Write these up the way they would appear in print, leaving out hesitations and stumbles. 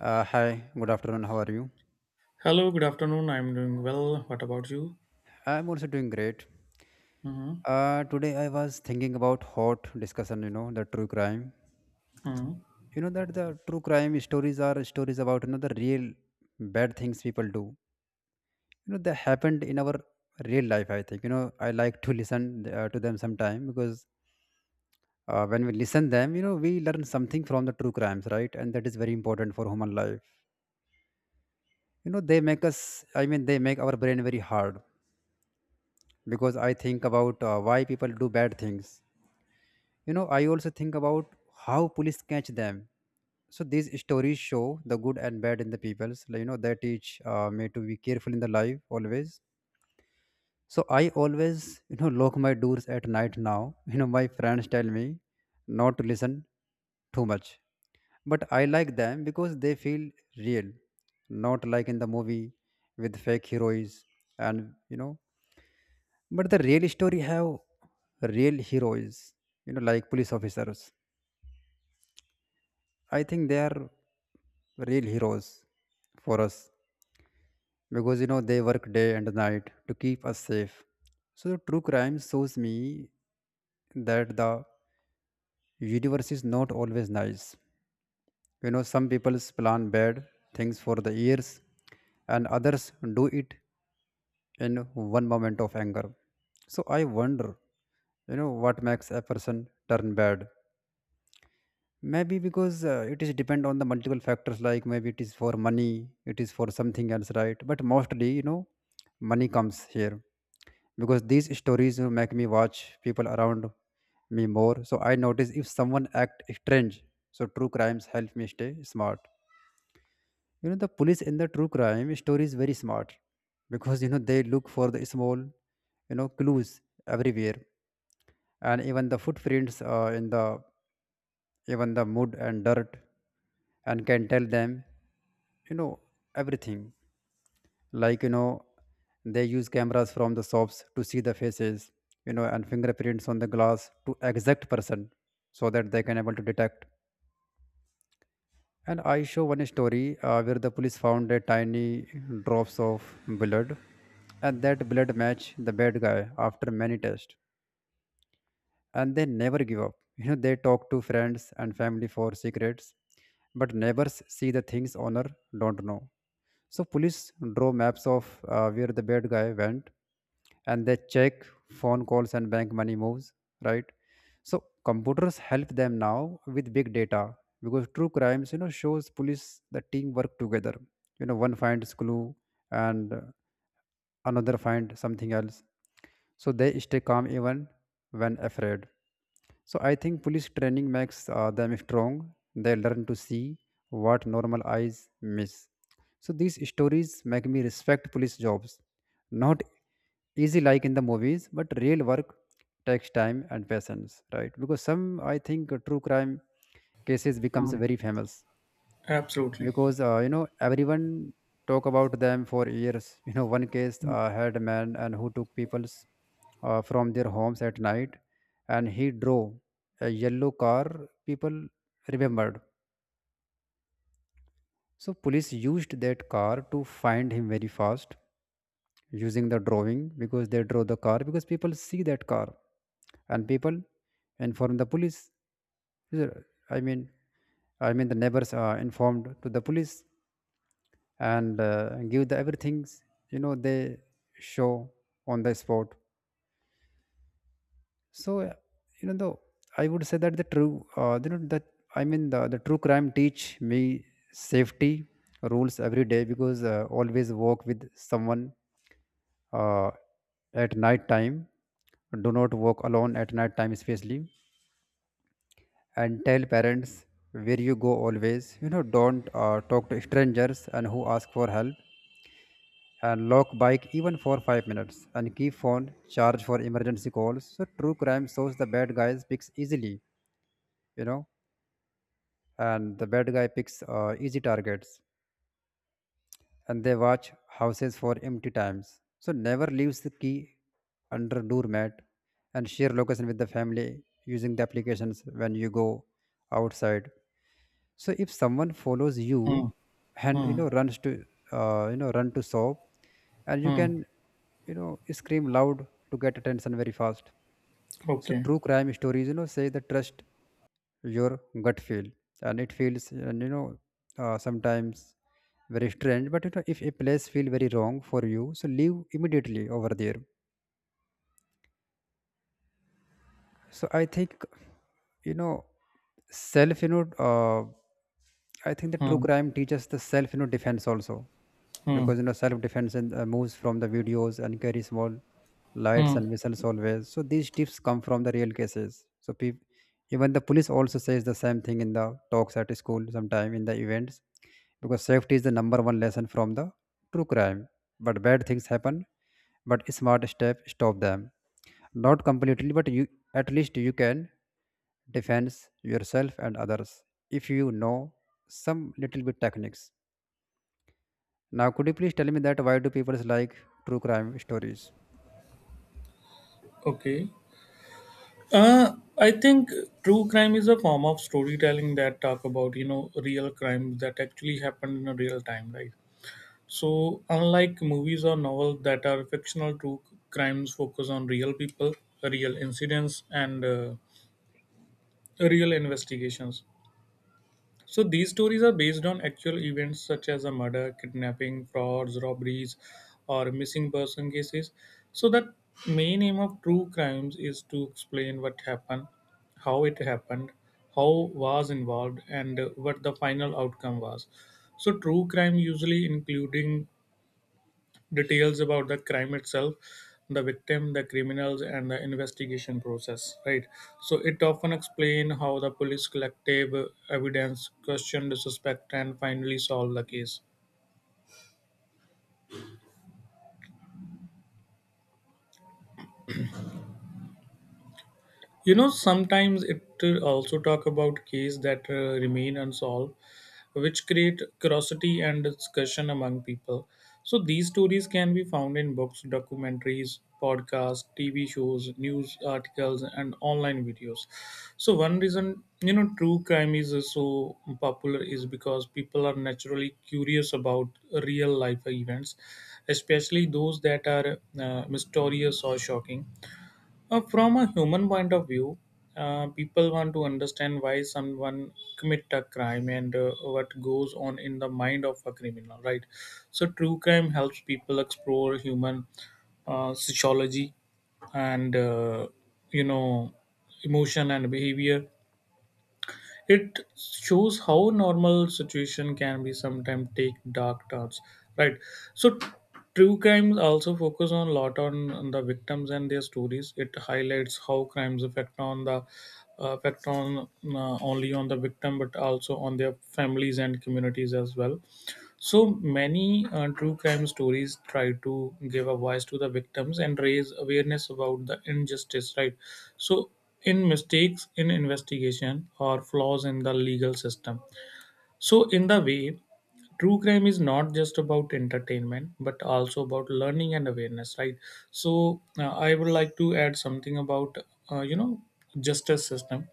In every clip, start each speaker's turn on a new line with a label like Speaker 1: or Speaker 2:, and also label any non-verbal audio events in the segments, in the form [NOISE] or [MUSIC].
Speaker 1: Hi, good afternoon. How are you?
Speaker 2: Hello, good afternoon. I'm doing well. What about you?
Speaker 1: I'm also doing great.
Speaker 2: hmm
Speaker 1: Today I was thinking about hot discussion, you know, the true crime.
Speaker 2: hmm
Speaker 1: You know that the true crime stories are stories about the real bad things people do. They happened in our real life, I think. I like to listen to them sometime because when we listen them, we learn something from the true crimes, right? And that is very important for human life. They make us, I mean, they make our brain very hard because I think about why people do bad things. I also think about how police catch them. So these stories show the good and bad in the peoples. Like, they teach me to be careful in the life always. So I always, lock my doors at night now. [LAUGHS] My friends tell me not to listen too much. But I like them because they feel real, not like in the movie with fake heroes and. But the real story have real heroes, like police officers. I think they are real heroes for us because they work day and night to keep us safe. So true crime shows me that the universe is not always nice. Some people plan bad things for the years, and others do it in one moment of anger. So I wonder, what makes a person turn bad. Maybe because it is depend on the multiple factors, like maybe it is for money, it is for something else, right? But mostly, money comes here because these stories, make me watch people around me more, so I notice if someone act strange. So true crimes help me stay smart. The police in the true crime story is very smart because they look for the small, clues everywhere, and even the footprints, in the even the mud and dirt, and can tell them, you know everything. Like they use cameras from the shops to see the faces, and fingerprints on the glass to exact person, so that they can able to detect. And I show one story where the police found a tiny drops of blood, and that blood matched the bad guy after many tests, and they never give up. They talk to friends and family for secrets, but neighbors see the things owner don't know. So police draw maps of where the bad guy went, and they check phone calls and bank money moves, right? So computers help them now with big data, because true crimes, shows police the team work together. One finds clue, and another find something else. So they stay calm even when afraid. So I think police training makes them strong. They learn to see what normal eyes miss. So these stories make me respect police jobs. Not easy like in the movies, but real work takes time and patience, right? Because some, I think, true crime cases becomes
Speaker 2: Mm,
Speaker 1: very famous,
Speaker 2: absolutely.
Speaker 1: because everyone talk about them for years. [LAUGHS] One case had a man and who took people's, from their homes at night, and he drove a yellow car people remembered. So police used that car to find him very fast using the drawing, because they draw the car, because people see that car and people inform the police. Is it- I mean I mean the neighbors are informed to the police, and give the everything. They show on the spot. So though I would say that the true, that I mean the true crime teach me safety rules every day, because always walk with someone, uh, at night time. Do not walk alone at night time especially, and tell parents where you go always. Don't talk to strangers and who ask for help, and lock bike even for 5 minutes, and keep phone charged for emergency calls. So true crime shows the bad guys picks easily, you know and the bad guy picks easy targets, and they watch houses for empty times, so never leaves the key under doormat, and share location with the family using the applications when you go outside. So if someone follows you
Speaker 2: mm,
Speaker 1: and
Speaker 2: Hmm.
Speaker 1: runs to, run to sob, and you
Speaker 2: Hmm.
Speaker 1: can scream loud to get attention very fast. So
Speaker 2: Okay.
Speaker 1: true crime stories, say the trust your gut feel, and it feels, and sometimes very strange, but if a place feel very wrong for you, so leave immediately over there. So I think, you know self, uh, I think the true
Speaker 2: Hmm.
Speaker 1: crime teaches the self, defense also,
Speaker 2: Hmm.
Speaker 1: because self defense and, moves from the videos, and carry small lights
Speaker 2: Hmm.
Speaker 1: and whistles always. So these tips come from the real cases. So even the police also says the same thing in the talks at school sometime in the events, because safety is the number one lesson from the true crime. But bad things happen, but smart step stop them, not completely, but you, at least you can defend yourself and others if you know some little bit techniques. Now, could you please tell me that why do people like true crime stories?
Speaker 2: Okay. I think true crime is a form of storytelling that talk about real crimes that actually happened in a real time, right? So unlike movies or novels that are fictional, true crimes focus on real people, real incidents, and real investigations. So these stories are based on actual events such as a murder, kidnapping, frauds, robberies, or missing person cases. So the main aim of true crimes is to explain what happened, how it happened, how was involved, and what the final outcome was. So true crime usually including details about the crime itself, the victim, the criminals, and the investigation process, right? So it often explain how the police collective evidence, question the suspect, and finally solve the case. Sometimes it also talk about cases that remain unsolved, which create curiosity and discussion among people. So these stories can be found in books, documentaries, podcasts, TV shows, news articles, and online videos. So one reason true crime is so popular is because people are naturally curious about real life events, especially those that are mysterious or shocking. From a human point of view, people want to understand why someone commit a crime and what goes on in the mind of a criminal, right? So true crime helps people explore human sociology and, uh, you know emotion and behavior. It shows how normal situation can be sometimes take dark turns, right? So true crimes also focus on a lot on the victims and their stories. It highlights how crimes affect on the, affect on only on the victim but also on their families and communities as well. So many true crime stories try to give a voice to the victims and raise awareness about the injustice, right? So in mistakes in investigation or flaws in the legal system. So in the way, true crime is not just about entertainment but also about learning and awareness, right? So I would like to add something about, uh, justice system.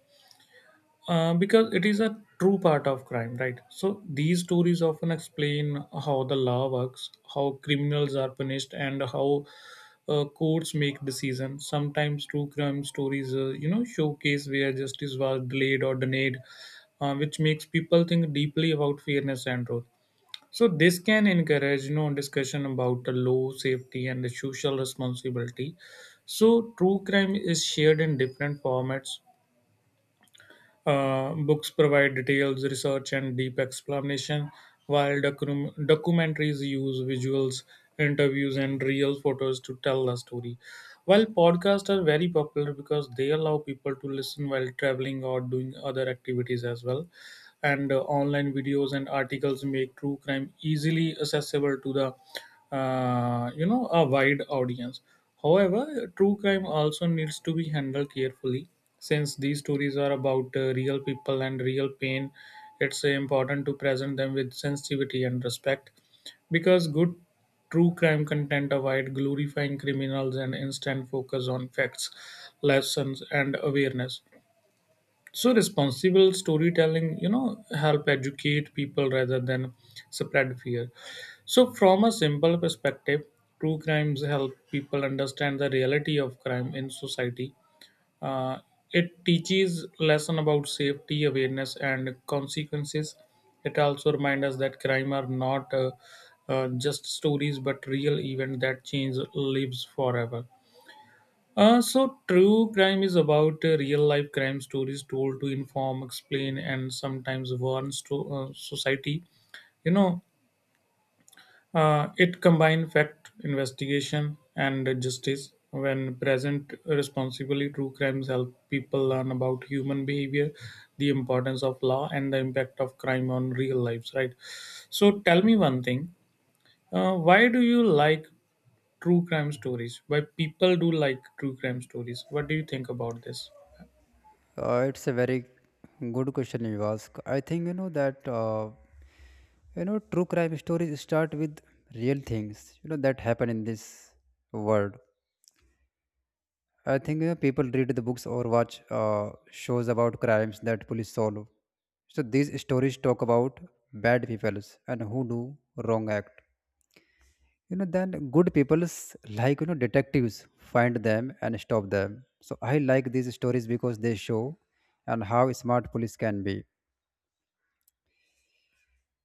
Speaker 2: Because it is a true part of crime, right? So these stories often explain how the law works, how criminals are punished, and how courts make decisions. Sometimes true crime stories, showcase where justice was delayed or denied, which makes people think deeply about fairness and truth. So this can encourage, discussion about the law, safety, and the social responsibility. So true crime is shared in different formats. Books provide details, research, and deep explanation, while documentaries use visuals, interviews, and real photos to tell the story. While podcasts are very popular because they allow people to listen while traveling or doing other activities as well, and online videos and articles make true crime easily accessible to the, uh, a wide audience. However, true crime also needs to be handled carefully since these stories are about real people and real pain. It's important to present them with sensitivity and respect, because good true crime content avoid glorifying criminals and instead focus on facts, lessons, and awareness. So responsible storytelling help educate people rather than spread fear. So from a simple perspective, true crimes help people understand the reality of crime in society. Uh, it teaches lesson about safety, awareness, and consequences. It also reminds us that crime are not just stories but real event that change lives forever. So true crime is about real life crime stories told to inform, explain, and sometimes warn society. You know, it combines fact, investigation, and justice. When present responsibly, true crimes help people learn about human behavior, the importance of law, and the impact of crime on real lives. Right. So tell me one thing. Why do you like true crime stories? Why people do like true crime stories? What do you think about this?
Speaker 1: It's a very good question you ask. I think that true crime stories start with real things that happen in this world. I think, people read the books or watch shows about crimes that police solve. So these stories talk about bad peoples and who do wrong act. Then good peoples like, detectives find them and stop them. So I like these stories because they show and how smart police can be.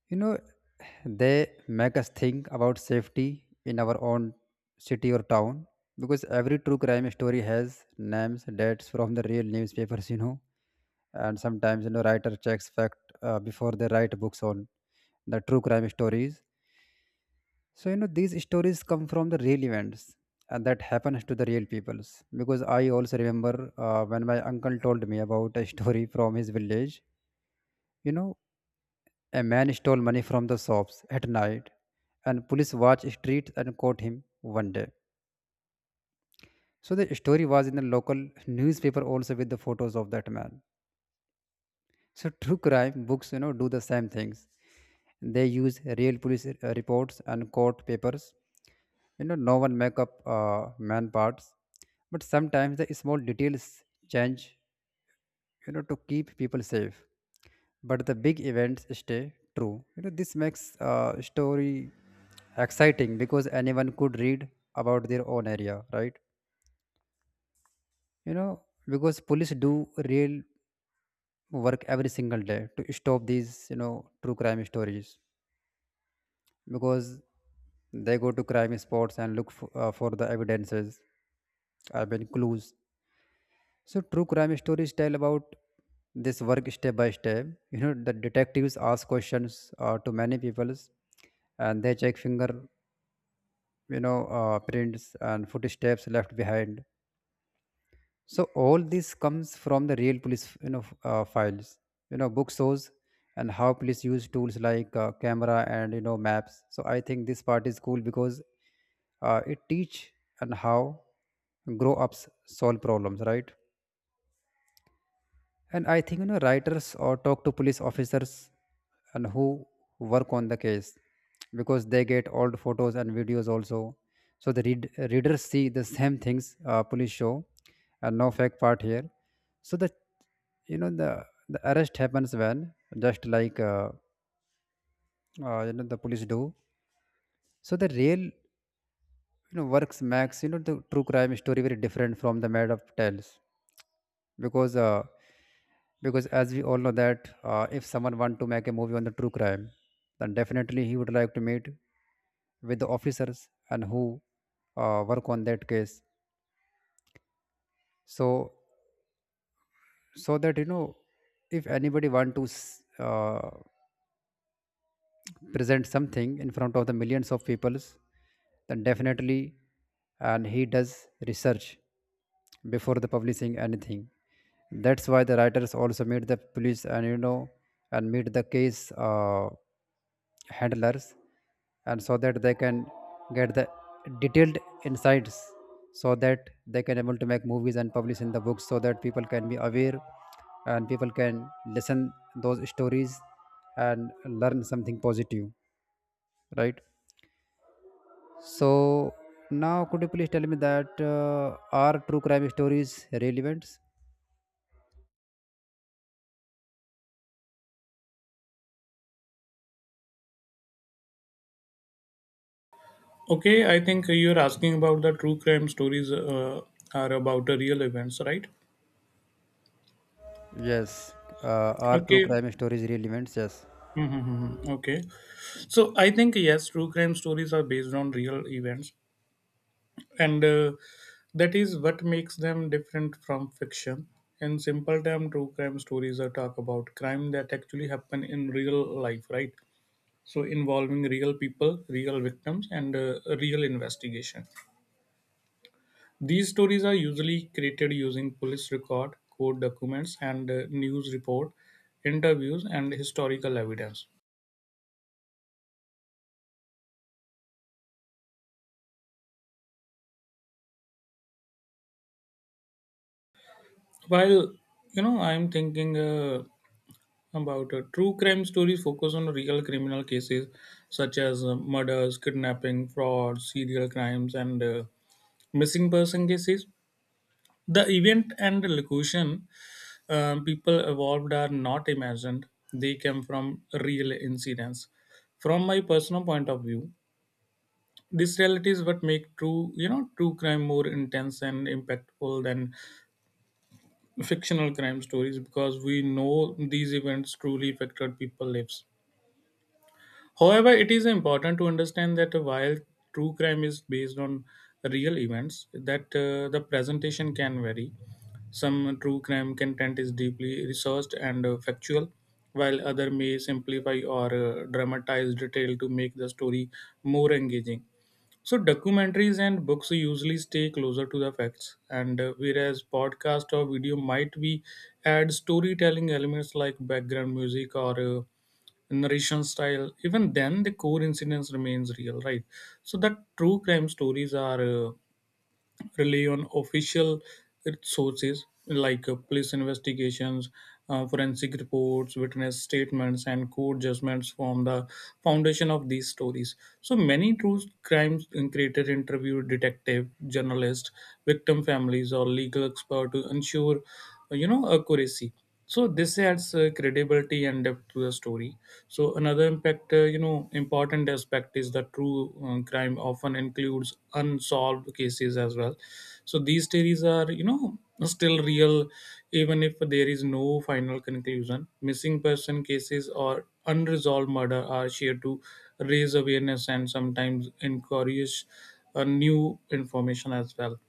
Speaker 1: You know, they make us think about safety in our own city or town, because every true crime story has names, dates from the real newspapers. And sometimes, writer checks fact before they write books on the true crime stories. So these stories come from the real events, and that happens to the real peoples, because I also remember when my uncle told me about a story from his village. you know a man stole money from the shops at night, and police watched streets and caught him one day. So the story was in the local newspaper also with the photos of that man. So true crime books, do the same things. They use real police reports and court papers. No one make up man parts, but sometimes the small details change. To keep people safe, but the big events stay true. This makes story exciting, because anyone could read about their own area, right? Because police do real work every single day to stop these, true crime stories, because they go to crime spots and look for the evidences, I mean, clues. So true crime stories tell about this work step by step. The detectives ask questions to many people, and they check finger, prints and footsteps left behind. So all this comes from the real police, files, book shows, and how police use tools like camera and maps. So I think this part is cool because it teach and how grow ups solve problems, right? And I think writers or talk to police officers and who work on the case, because they get old photos and videos also. So the readers see the same things police show, and no fake part here. So the you know the arrest happens when, just like the police do. So the real works makes, the true crime story very different from the made up tales. because uh, because as we all know that, if someone want to make a movie on the true crime, then definitely he would like to meet with the officers and who work on that case. So so that if anybody want to present something in front of the millions of peoples, then definitely, and he does research before the publishing anything. That's why the writers also meet the police, and and meet the case handlers, and so that they can get the detailed insights, so that they can able to make movies and publish in the books, so that people can be aware and people can listen those stories, and learn something positive, right? So now could you please tell me that are true crime stories relevant?
Speaker 2: Okay, I think you're asking about the true crime stories, are about the real events, right?
Speaker 1: Yes. Are true
Speaker 2: Okay.
Speaker 1: crime stories relevant? Yes.
Speaker 2: Mm-hmm. Okay. So I think yes, true crime stories are based on real events, and that is what makes them different from fiction. In simple term, true crime stories are talk about crime that actually happen in real life, right? So involving real people, real victims, and real investigation. These stories are usually created using police record, court documents, and news report, interviews, and historical evidence. While you know I'm thinking about true crime stories focus on real criminal cases such as murders, kidnapping, fraud, serial crimes, and missing person cases. The event and location, people evolved are not imagined, they came from real incidents. From my personal point of view, this reality is what make true crime more intense and impactful than fictional crime stories, because we know these events truly affected people lives. However, it is important to understand that while true crime is based on real events, that the presentation can vary. Some true crime content is deeply researched and factual, while other may simplify or dramatize detail to make the story more engaging. So documentaries and books usually stay closer to the facts, and whereas podcast or video might be add storytelling elements like background music or narration style. Even then the core incidents remains real, right? So that true crime stories are rely on official sources like police investigations, forensic reports, witness statements, and court judgments form the foundation of these stories. So many true crimes creators interview detective, journalists, victim families, or legal expert to ensure, accuracy. So this adds credibility and depth to the story. So another impact, important aspect is that true crime often includes unsolved cases as well. So these theories are, still real even if there is no final conclusion. Missing person cases or unresolved murder are shared to raise awareness and sometimes encourage new information as well.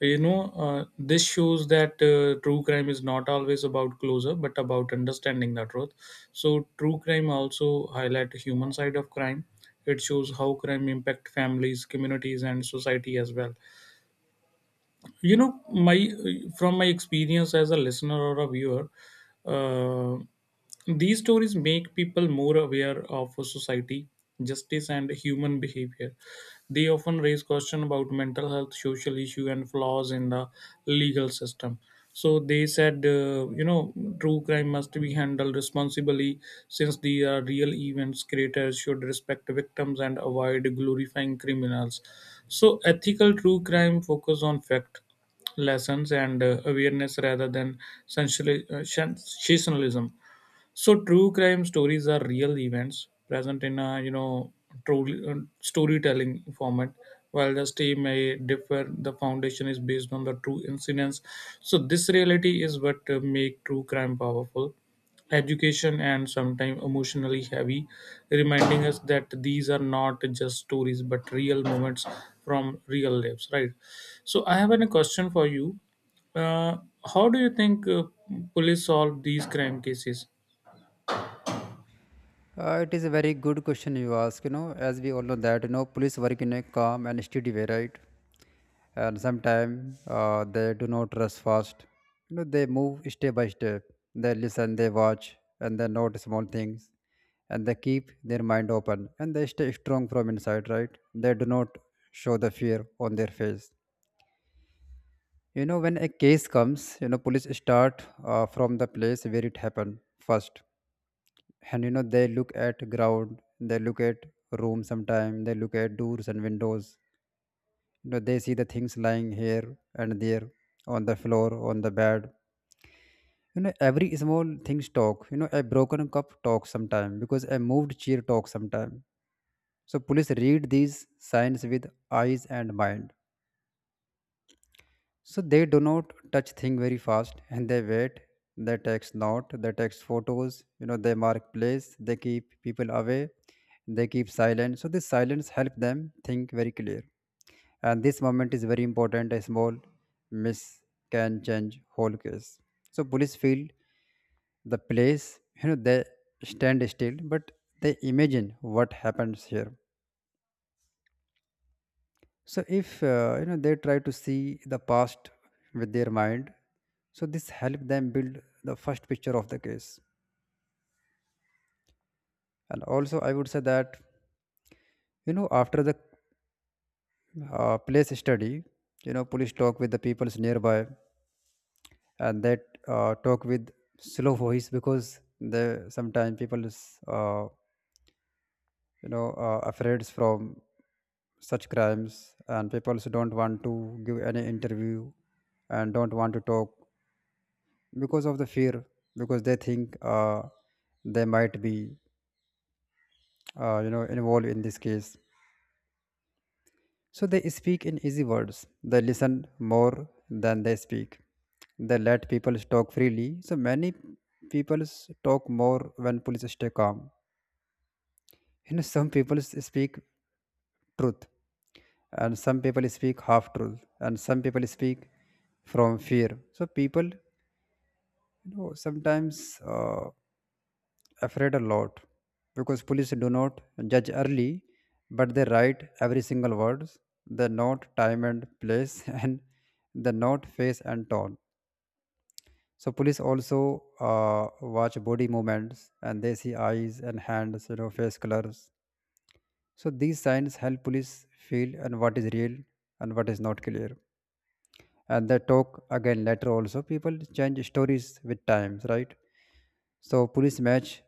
Speaker 2: This shows that true crime is not always about closure, but about understanding the truth. So true crime also highlight the human side of crime. It shows how crime impact families, communities, and society as well. You know my From my experience as a listener or a viewer, uh, these stories make people more aware of society, justice, and human behavior. They often raise questions about mental health, social issue, and flaws in the legal system. So they said, true crime must be handled responsibly since they are real events. Creators should respect victims and avoid glorifying criminals. So ethical true crime focus on fact, lessons, and awareness rather than sensationalism. So true crime stories are real events present in a true storytelling format. While the story may differ, the foundation is based on the true incidents. So this reality is what make true crime powerful, education, and sometimes emotionally heavy, reminding us that these are not just stories but real moments from real lives. Right. So I have a question for you. Uh, how do you think police solve these crime cases?
Speaker 1: It is a very good question you ask. As we all know that, police work in a calm and steady way, right? And sometimes they do not rush fast. They move step by step. They listen, they watch, and they note small things. And they keep their mind open, and they stay strong from inside, right? They do not show the fear on their face. When a case comes, police start from the place where it happened first. And they look at ground, they look at room, sometime they look at doors and windows. They see the things lying here and there, on the floor, on the bed. Every small things talk. A broken cup talks sometime, because a moved chair talks sometime. So police read these signs with eyes and mind. So they do not touch thing very fast, and they wait. They text note, they text photos. They mark place, they keep people away, they keep silent. So this silence help them think very clear, and this moment is very important. A small miss can change whole case. So police feel the place. They stand still, but they imagine what happens here. So if they try to see the past with their mind, so this help them build the first picture of the case. And also I would say that, after the place study, police talk with the peoples nearby. That Talk with slow voice, because the sometimes people is, afraid from such crimes, and people also don't want to give any interview and don't want to talk because of the fear, because they think they might be involved in this case. So they speak in easy words, they listen more than they speak, they let people talk freely. So many people talk more when police stay calm. Some people speak truth, and some people speak half truth, and some people speak from fear. So people, sometimes uh, afraid a lot, because police do not judge early, but they write every single words. They note time and place [LAUGHS] and they note face and tone. So police also uh, watch body movements, and they see eyes and hands, face colors. So these signs help police feel and what is real and what is not clear. And they talk again later also. People change stories with times, right? So police match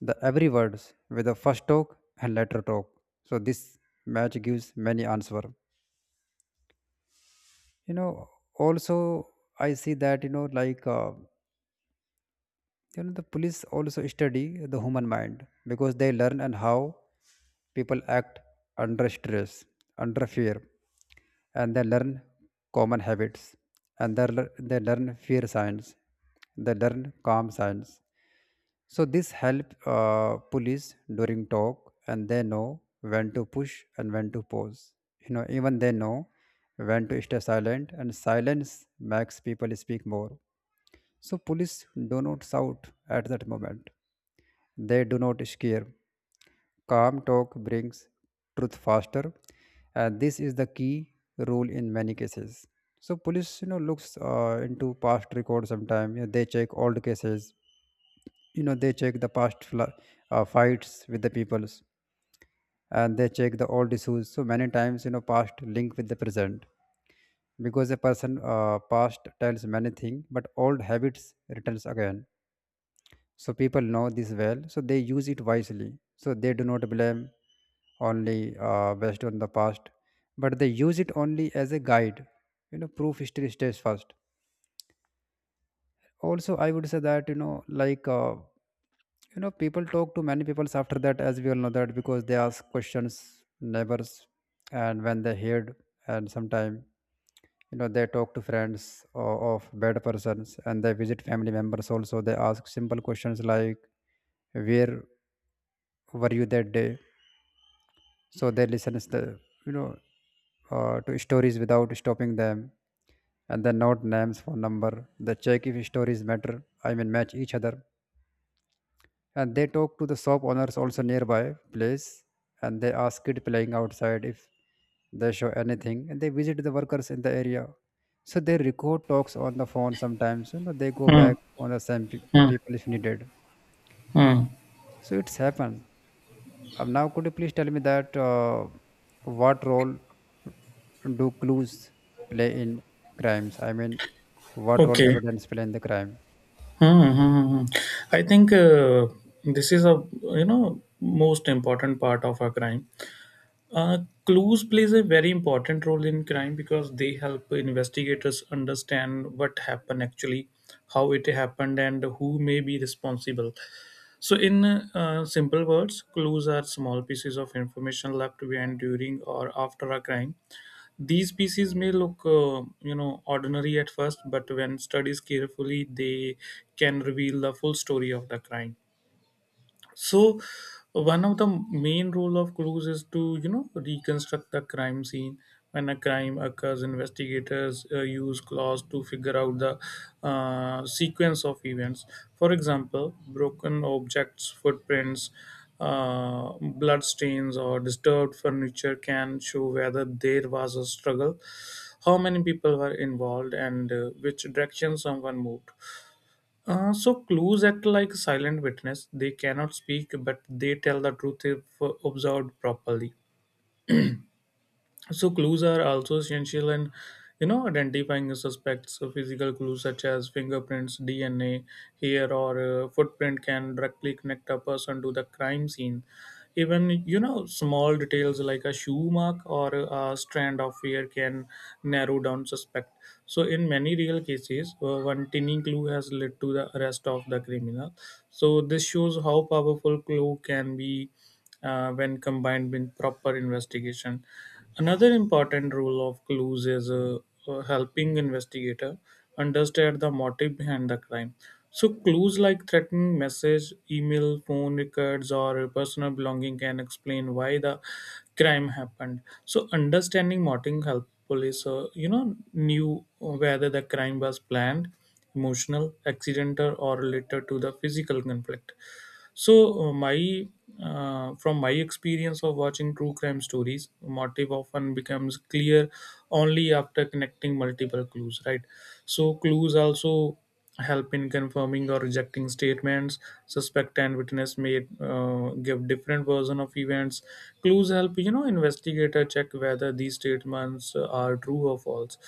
Speaker 1: the every words with the first talk and later talk. So this match gives many answer. You know, also I see that like. The police also study the human mind, because they learn and how people act under stress, under fear, and they learn common habits, and they they learn fear signs, they learn calm signs. So this help police during talk, and they know when to push and when to pause. Even they know when to stay silent, and silence makes people speak more. So police do not shout at that moment. They do not scare. Calm talk brings truth faster, and this is the key rule in many cases. So police, looks into past records sometimes. They check old cases. They check the past fights with the peoples, and they check the old issues. So many times, past link with the present, because a person past tells many things, but old habits returns again. So people know this well, so they use it wisely, so they do not blame only based on the past, but they use it only as a guide. Proof history stays first. Also I would say that, people talk to many peoples after that. As we all know that, because they ask questions neighbors, and when they heard. And sometime they talk to friends o of bad persons, and they visit family members also. They ask simple questions like, where were you that day? So they listens the, you know to stories without stopping them, and then note names for number. They check if stories matter, I mean match each other. And they talk to the shop owners also nearby place, and they ask kid playing outside if they show anything, and they visit the workers in the area. So they record talks on the phone sometimes. They go
Speaker 2: Hmm.
Speaker 1: back on the same
Speaker 2: Hmm.
Speaker 1: people if needed.
Speaker 2: Mm.
Speaker 1: So it's happened. Now, could you please tell me that what role do clues play in crimes? I mean, what role
Speaker 2: Okay.
Speaker 1: evidence play in the crime?
Speaker 2: Hmm. Hmm. Hmm. I think this is a most important part of a crime. Uh, clues plays a very important role in crime because they help investigators understand what happened actually, how it happened, and who may be responsible. So, in simple words, clues are small pieces of information left behind during or after a crime. These species may look, ordinary at first, but when studied carefully, they can reveal the full story of the crime. So one of the main role of clues is to reconstruct the crime scene. When a crime occurs, investigators use clues to figure out the sequence of events. For example, broken objects, footprints, blood stains, or disturbed furniture can show whether there was a struggle, how many people were involved, and which direction someone moved. So clues act like silent witness. They cannot speak, but they tell the truth if observed properly. So clues are also essential in, identifying suspects. So physical clues such as fingerprints, DNA, hair, or footprint can directly connect a person to the crime scene. Even small details like a shoe mark or a strand of hair can narrow down suspect. So in many real cases, one tiny clue has led to the arrest of the criminal. So this shows how powerful clue can be when combined with proper investigation. Another important role of clues is helping investigator understand the motive behind the crime. So clues like threatening message, email, phone records, or personal belonging can explain why the crime happened. So understanding motive help police, knew whether the crime was planned, emotional, accidental, or related to the physical conflict. So, my from my experience of watching true crime stories, motive often becomes clear only after connecting multiple clues. Right. So clues also help in confirming or rejecting statements. Suspect and witness may give different version of events. Clues help investigator check whether these statements are true or false.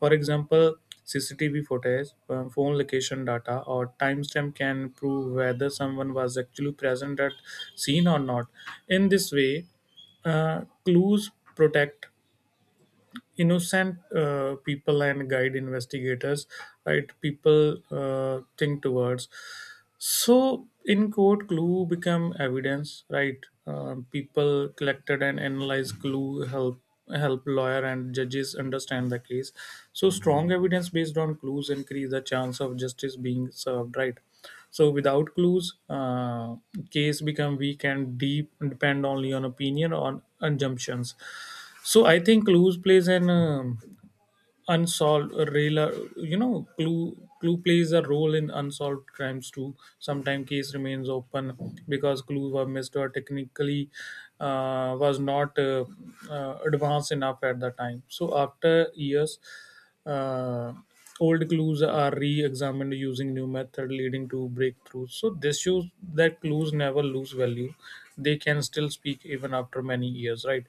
Speaker 2: For example, CCTV footage, phone location data, or timestamp can prove whether someone was actually present at scene or not. In this way, clues protect innocent people and guide investigators right people think towards. So in court, clue become evidence, right? People collected and analyzed clue help lawyer and judges understand the case. So strong evidence based on clues increase the chance of justice being served, right? So without clues, case become weak and deep and depend only on opinion or assumptions. So I think clues plays an unsolved real, you know, clue clue plays a role in unsolved crimes too. Sometimes case remains open because clues were missed or technically was not advanced enough at the time. So after years uh, old clues are re-examined using new method, leading to breakthroughs. So this shows that clues never lose value. They can still speak even after many years, right?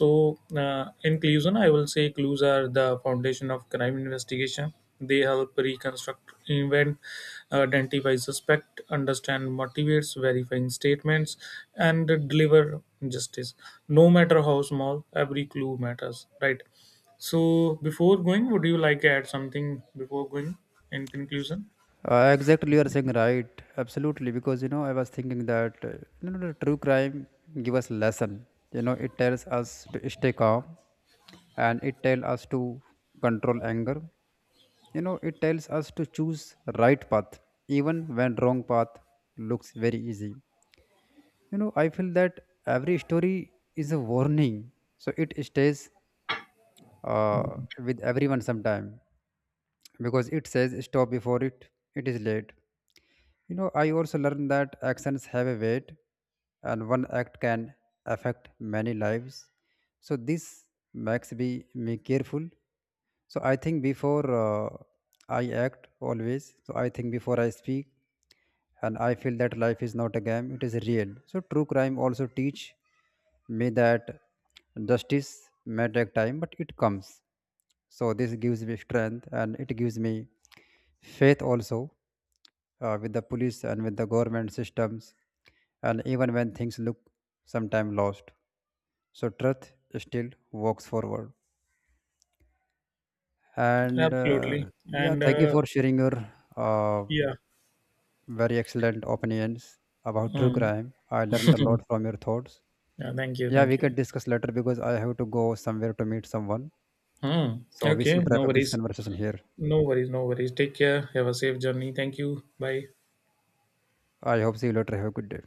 Speaker 2: So in conclusion, I will say clues are the foundation of crime investigation. They help reconstruct event, identify suspect, understand motivates, verifying statements, and deliver justice. No matter how small, every clue matters, right? So before going, would you like to add something before going, in conclusion?
Speaker 1: Exactly, you are saying right. Absolutely, because I was thinking that, the true crime give us lesson. You know it tells us to stay calm, and it tells us to control anger. You know it tells us to choose right path, even when wrong path looks very easy. I feel that every story is a warning. So it stays uh, with everyone sometime, because it says stop before it, it is late. You know, I also learned that actions have a weight, and one act can affect many lives. So this makes me careful. So I think before I act always. So I think before I speak, and I feel that life is not a game, it is real. So true crime also teach me that justice may take time, but it comes. So this gives me strength, and it gives me faith also with the police and with the government systems, and even when things look sometime lost. So truth still walks forward. And
Speaker 2: Absolutely.
Speaker 1: yeah,
Speaker 2: And
Speaker 1: thank you for sharing your uh,
Speaker 2: yeah.
Speaker 1: very excellent opinions about true
Speaker 2: Hmm.
Speaker 1: crime. I learned a
Speaker 2: [LAUGHS]
Speaker 1: lot from your thoughts.
Speaker 2: Yeah. Thank you.
Speaker 1: Yeah,
Speaker 2: Thank
Speaker 1: we can
Speaker 2: you.
Speaker 1: discuss later, because I have to go somewhere to meet someone.
Speaker 2: Hmm.
Speaker 1: So we
Speaker 2: Okay.
Speaker 1: should wrap
Speaker 2: No
Speaker 1: up this
Speaker 2: worries.
Speaker 1: conversation here.
Speaker 2: No worries. No worries. Take care. Have a safe journey. Thank you. Bye.
Speaker 1: I hope see you later. Have a good day.